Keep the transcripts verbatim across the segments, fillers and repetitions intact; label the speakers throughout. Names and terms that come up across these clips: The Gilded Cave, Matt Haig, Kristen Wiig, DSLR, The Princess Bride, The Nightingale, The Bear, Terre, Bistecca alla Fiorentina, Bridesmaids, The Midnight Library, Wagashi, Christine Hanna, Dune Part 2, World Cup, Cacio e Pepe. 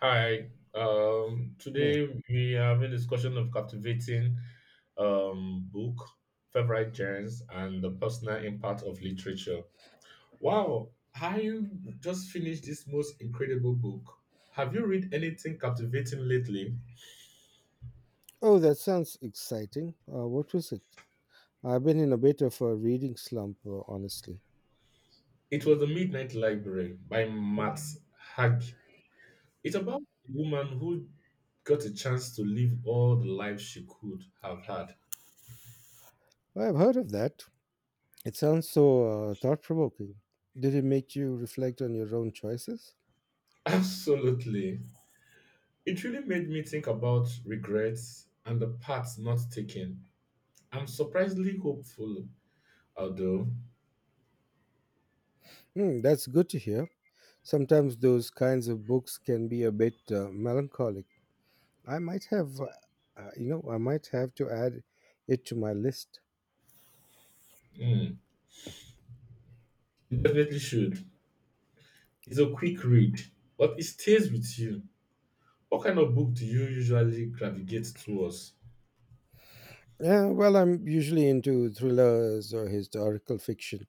Speaker 1: Hi. Um,
Speaker 2: Hey.
Speaker 1: today we have a discussion of captivating um, book, favorite genres, and the personal impact of literature. Wow! I just finished this most incredible book. Have you read anything captivating lately?
Speaker 2: Oh, that sounds exciting. Uh, what was it? I've been in a bit of a reading slump, uh, honestly.
Speaker 1: It was The Midnight Library by Matt Haig. It's about a woman who got a chance to live all the life she could have had.
Speaker 2: I've heard of that. It sounds so uh, thought provoking. Did it make you reflect on your own choices?
Speaker 1: Absolutely. It really made me think about regrets and the paths not taken. I'm surprisingly hopeful, although.
Speaker 2: Hmm, that's good to hear. Sometimes those kinds of books can be a bit uh, melancholic. I might have, uh, uh, you know, I might have to add it to my list.
Speaker 1: Hmm, you definitely should. It's a quick read, but it stays with you. What kind of book do you usually gravitate towards?
Speaker 2: Yeah, well, I'm usually into thrillers or historical fiction.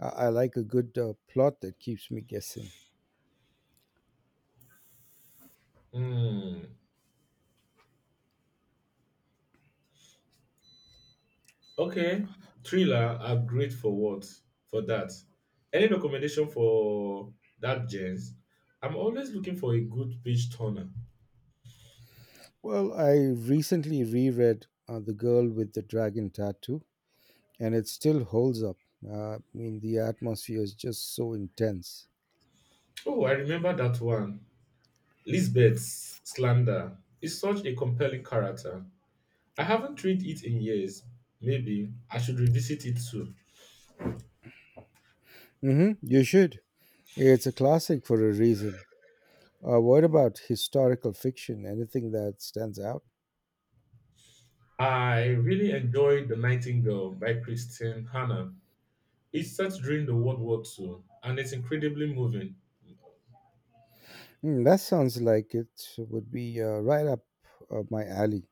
Speaker 2: I, I like a good uh, plot that keeps me guessing.
Speaker 1: Hmm. Okay, thriller are great for what? For that. Any recommendation for that, James? I'm always looking for a good page turner.
Speaker 2: Well, I recently reread uh, The Girl with the Dragon Tattoo, and it still holds up. Uh, I mean, the atmosphere is just so intense.
Speaker 1: Oh, I remember that one. Lisbeth's slander is such a compelling character. I haven't read it in years. Maybe I should revisit it soon.
Speaker 2: Hmm, you should. It's a classic for a reason. Uh, what about historical fiction? Anything that stands out?
Speaker 1: I really enjoyed The Nightingale by Christine Hanna. It's set during the World War Two, and it's incredibly moving.
Speaker 2: Hmm, that sounds like it would be uh, right up uh, my alley.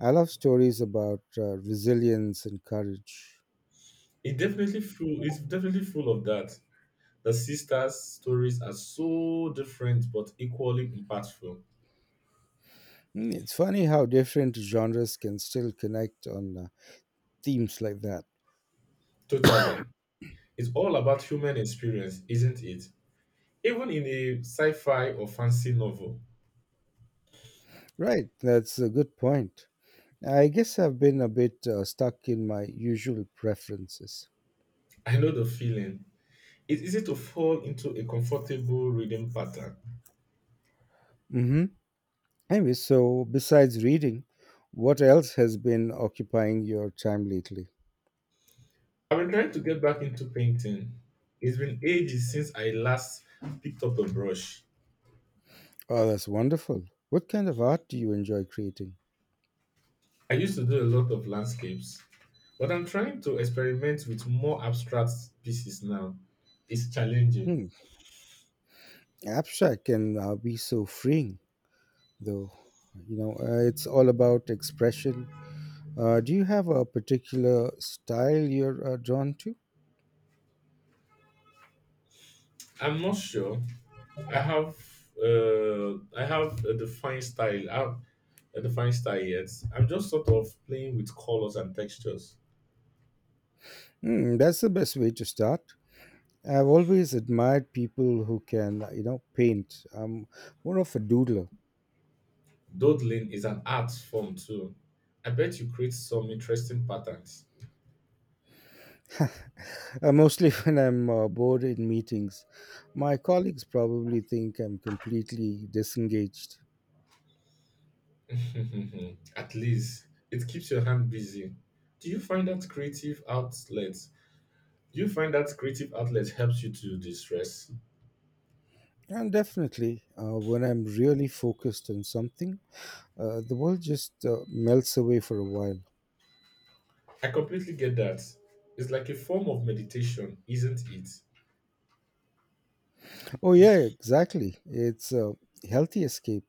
Speaker 2: I love stories about uh, resilience and courage.
Speaker 1: It definitely full, it's definitely full of that. The sisters' stories are so different but equally impactful.
Speaker 2: Hmm, it's funny how different genres can still connect on uh, themes like that.
Speaker 1: Totally. It's all about human experience, isn't it? Even in a sci fi or fancy novel.
Speaker 2: Right, that's a good point. I guess I've been a bit uh, stuck in my usual preferences.
Speaker 1: I know the feeling. It's easy to fall into a comfortable reading pattern.
Speaker 2: Hmm. Anyway, so besides reading, what else has been occupying your time lately?
Speaker 1: I've been trying to get back into painting. It's been ages since I last picked up a brush.
Speaker 2: Oh, that's wonderful. What kind of art do you enjoy creating?
Speaker 1: I used to do a lot of landscapes, but I'm trying to experiment with more abstract pieces now. It's challenging.
Speaker 2: Hmm. Abstract can uh, be so freeing, though. You know, uh, it's all about expression. Uh, do you have a particular style you're uh, drawn to?
Speaker 1: I'm not sure I have uh, I have a defined style. I have a defined style yet. I'm just sort of playing with colors and textures.
Speaker 2: Hmm, that's the best way to start. I've always admired people who can, uh, you know, paint. I'm more of a doodler,
Speaker 1: Doodling is an art form too. I bet you create some interesting patterns.
Speaker 2: uh, mostly when I'm uh, bored in meetings. My colleagues probably think I'm completely disengaged.
Speaker 1: At least it keeps your hand busy. Do you find that creative outlets? Do you find that creative outlet helps you to distress?
Speaker 2: And definitely, uh, when I'm really focused on something, uh, the world just uh, melts away for a while.
Speaker 1: I completely get that. It's like a form of meditation, isn't it?
Speaker 2: Oh, yeah, exactly. It's a healthy escape.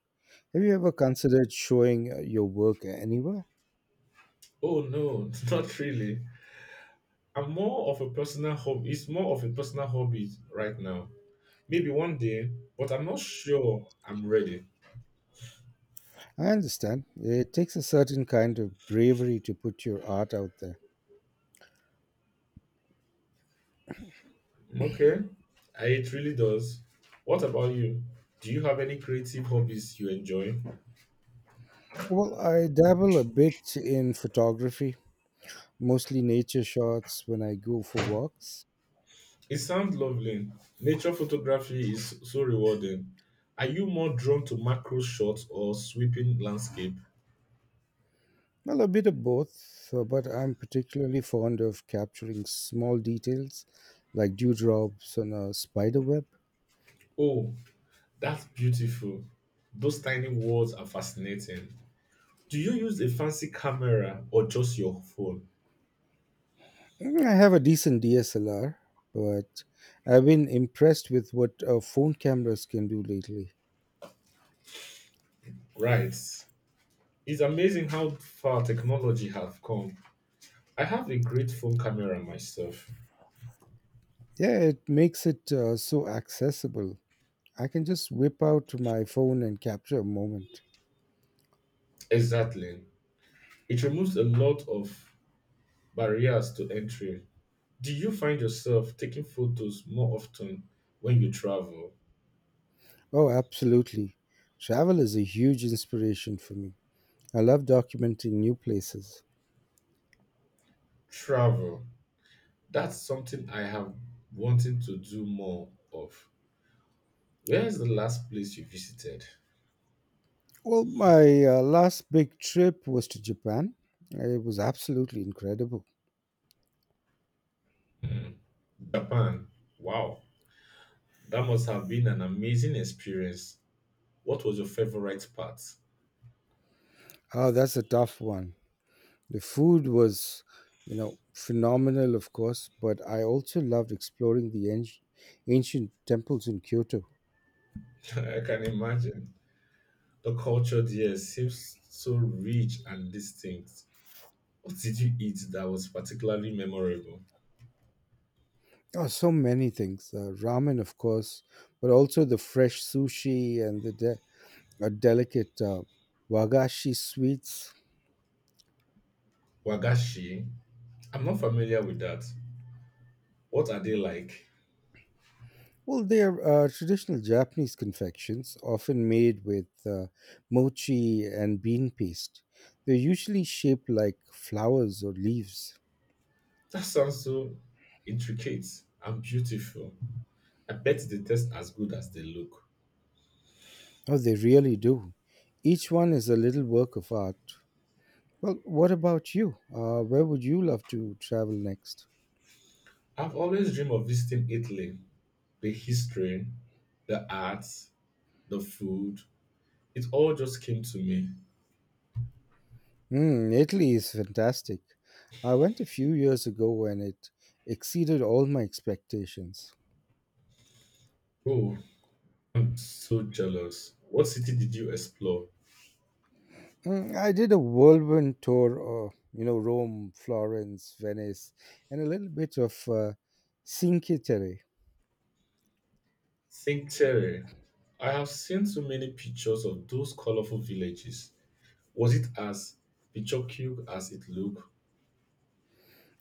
Speaker 2: Have you ever considered showing uh, your work anywhere?
Speaker 1: Oh no, not really. I'm more of a personal hobby. It's more of a personal hobby right now. Maybe one day, but I'm not sure I'm ready.
Speaker 2: I understand. It takes a certain kind of bravery to put your art out there.
Speaker 1: Okay. I, it really does. What about you? Do you have any creative hobbies you enjoy?
Speaker 2: Well, I dabble a bit in photography, mostly nature shots when I go for walks.
Speaker 1: It sounds lovely. Nature photography is so rewarding. Are you more drawn to macro shots or sweeping landscape?
Speaker 2: Well, a bit of both, uh, but I'm particularly fond of capturing small details like dewdrops on a spider web.
Speaker 1: Oh, that's beautiful. Those tiny words are fascinating. Do you use a fancy camera or just your phone?
Speaker 2: Mm, I have a decent D S L R, but I've been impressed with what uh, phone cameras can do lately.
Speaker 1: Right. It's amazing how far technology has come. I have a great phone camera myself.
Speaker 2: Yeah, it makes it uh, so accessible I can just whip out my phone and capture a moment.
Speaker 1: Exactly. It removes a lot of barriers to entry. Do you find yourself taking photos more often when you travel?
Speaker 2: Oh, absolutely. Travel is a huge inspiration for me. I love documenting new places.
Speaker 1: Travel. That's something I have wanting to do more of. Where is the last place you visited?
Speaker 2: Well, my uh, last big trip was to Japan. It was absolutely incredible.
Speaker 1: Hmm, Japan. Wow. That must have been an amazing experience. What was your favorite part?
Speaker 2: Oh, that's a tough one. The food was, you know, phenomenal, of course, but I also loved exploring the anci- ancient temples in Kyoto.
Speaker 1: I can imagine. The culture there seems so rich and distinct. What did you eat that was particularly memorable?
Speaker 2: Oh, so many things. Uh, ramen, of course, but also the fresh sushi and the de- uh, delicate uh, wagashi sweets.
Speaker 1: Wagashi? I'm not familiar with that. What are they like?
Speaker 2: Well, they are uh, traditional Japanese confections, often made with uh, mochi and bean paste. They're usually shaped like flowers or leaves.
Speaker 1: That sounds so intricate and beautiful. I bet they taste as good as they look.
Speaker 2: Oh, they really do. Each one is a little work of art. Well, what about you? Uh, where would you love to travel next?
Speaker 1: I've always dreamed of visiting Italy. The history, the art, the food, it all just came to me.
Speaker 2: Hmm, Italy is fantastic. I went a few years ago and it exceeded all my expectations.
Speaker 1: Oh, I'm so jealous. What city did you explore?
Speaker 2: Mm, I did a whirlwind tour, of, you know, Rome, Florence, Venice, and a little bit of uh, Cinque Terre.
Speaker 1: Think Terre. I have seen so many pictures of those colorful villages. Was it as picturesque as it looked?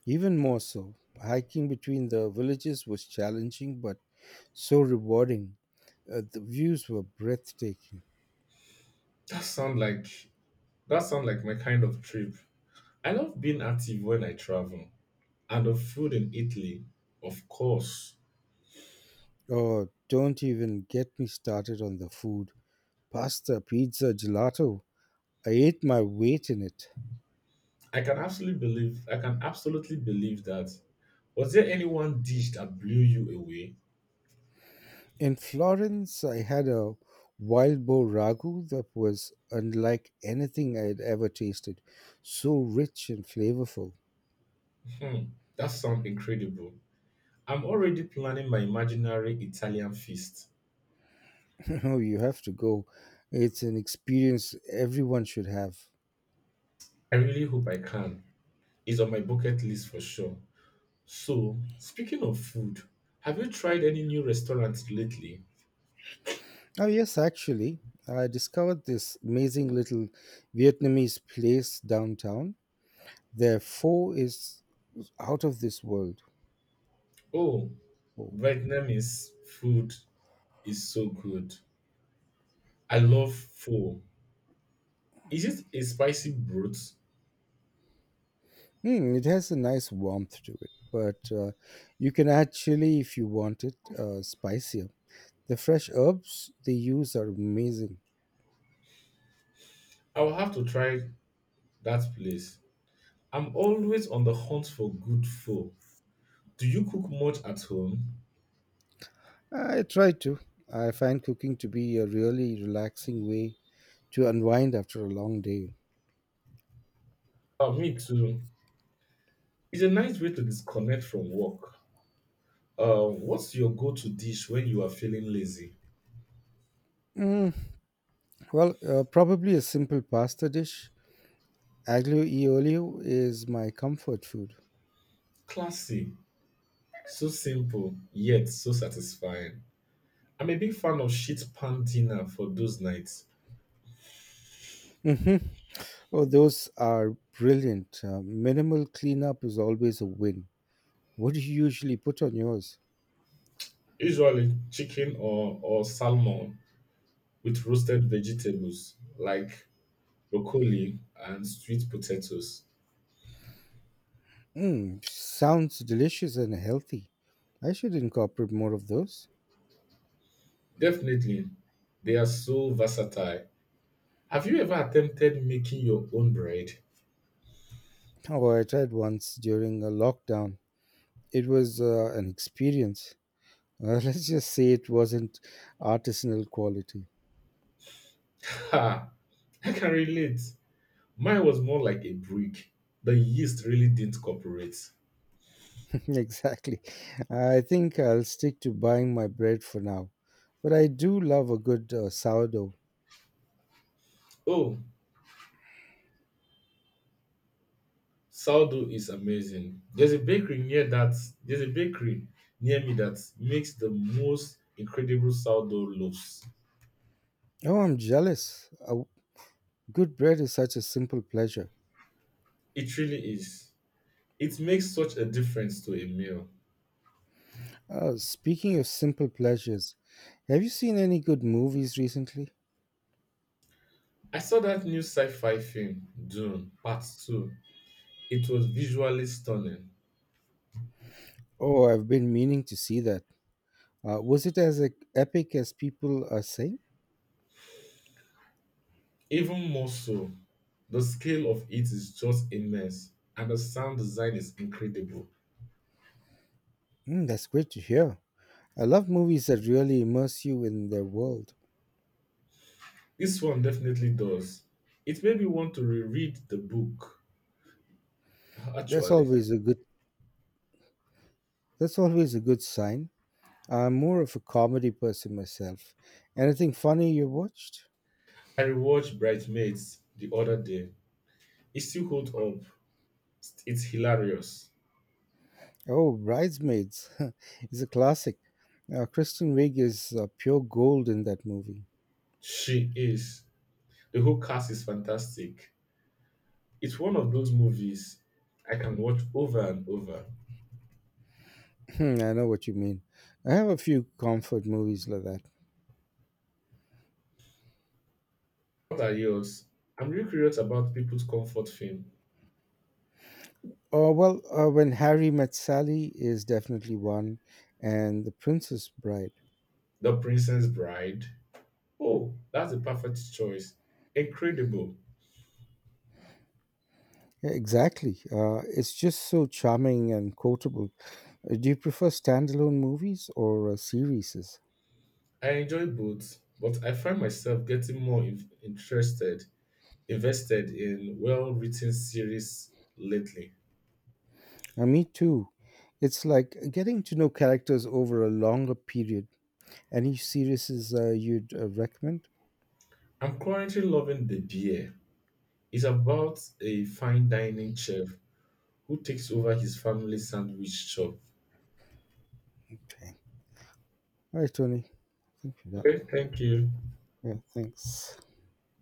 Speaker 2: Even more so, hiking between the villages was challenging but so rewarding. Uh, the views were breathtaking.
Speaker 1: That sound like that sound like my kind of trip. I love being active when I travel. And the food in Italy, of course.
Speaker 2: Oh, don't even get me started on the food. Pasta, pizza, gelato. I ate my weight in it.
Speaker 1: I can absolutely believe I can absolutely believe that. Was there any one dish that blew you away?
Speaker 2: In Florence, I had a wild boar ragu that was unlike anything I had ever tasted. So rich and flavorful.
Speaker 1: Hmm, that sounds incredible. I'm already planning my imaginary Italian feast.
Speaker 2: Oh, you have to go. It's an experience everyone should have.
Speaker 1: I really hope I can. It's on my bucket list for sure. So, speaking of food, have you tried any new restaurants lately?
Speaker 2: Oh, yes, actually, I discovered this amazing little Vietnamese place downtown. Their pho is out of this world.
Speaker 1: Oh,
Speaker 2: Oh.
Speaker 1: Vietnamese food is so good. I love pho. Is it a spicy broth?
Speaker 2: Hmm, it has a nice warmth to it, but uh, you can add chili if you want it uh, spicier. The fresh herbs they use are amazing.
Speaker 1: I will have to try that place. I'm always on the hunt for good pho. Do you cook much at home?
Speaker 2: I try to. I find cooking to be a really relaxing way to unwind after a long day.
Speaker 1: Uh, me too. It's a nice way to disconnect from work. Uh, what's your go-to dish when you are feeling lazy?
Speaker 2: Mm, well, uh, probably a simple pasta dish. Aglio e olio is my comfort food.
Speaker 1: Classy. So simple, yet so satisfying. I'm a big fan of sheet pan dinner for those nights.
Speaker 2: Hmm. Oh, those are brilliant. Uh, minimal cleanup is always a win. What do you usually put on yours?
Speaker 1: Usually chicken or, or salmon with roasted vegetables like broccoli and sweet potatoes.
Speaker 2: Mm, sounds delicious and healthy. I should incorporate more of those.
Speaker 1: Definitely, they are so versatile. Have you ever attempted making your own bread?
Speaker 2: Oh, I tried once during a lockdown. It was uh, an experience. Uh, let's just say it wasn't artisanal quality.
Speaker 1: Ha! I can relate. Mine was more like a brick. The yeast really didn't cooperate.
Speaker 2: Exactly. I think I'll stick to buying my bread for now. But I do love a good uh, sourdough.
Speaker 1: Oh, sourdough is amazing. There's a bakery near that. There's a bakery near me that makes the most incredible sourdough loaves.
Speaker 2: Oh, I'm jealous. Uh, good bread is such a simple pleasure.
Speaker 1: It really is. It makes such a difference to a meal.
Speaker 2: Uh, speaking of simple pleasures, have you seen any good movies recently?
Speaker 1: I saw that new sci-fi film, Dune Part two. It was visually stunning.
Speaker 2: Oh, I've been meaning to see that. Uh, was it as uh, epic as people are saying?
Speaker 1: Even more so, the scale of it is just immense, and the sound design is incredible.
Speaker 2: Mm, that's great to hear. I love movies that really immerse you in their world.
Speaker 1: This one definitely does. It made me want to reread the book,
Speaker 2: That's
Speaker 1: actually.
Speaker 2: always a good that's always a good sign. I'm more of a comedy person myself. Anything funny you watched?
Speaker 1: I rewatched Bridesmaids the other day. It still holds up. It's hilarious.
Speaker 2: Oh, Bridesmaids is a classic. Uh, Kristen Wiig is uh, pure gold in that movie.
Speaker 1: She is. The whole cast is fantastic. It's one of those movies I can watch over and over.
Speaker 2: I know what you mean. I have a few comfort movies like that.
Speaker 1: What are yours? I'm really curious about people's comfort film.
Speaker 2: Oh well, uh, when Harry met Sally is definitely one, and The Princess Bride.
Speaker 1: The Princess Bride. Oh, that's a perfect choice. Incredible.
Speaker 2: Yeah, exactly. Uh, it's just so charming and quotable. Uh, Do you prefer standalone movies or uh, series?
Speaker 1: I enjoy both, but I find myself getting more in- interested, invested in well-written series lately.
Speaker 2: Uh, me too. It's like getting to know characters over a longer period. Any series uh, you'd uh, recommend?
Speaker 1: I'm currently loving The Bear. It's about a fine dining chef who takes over his family's sandwich shop.
Speaker 2: Okay. All right, Tony. Thank you for that.
Speaker 1: Okay, thank you.
Speaker 2: Yeah, thanks.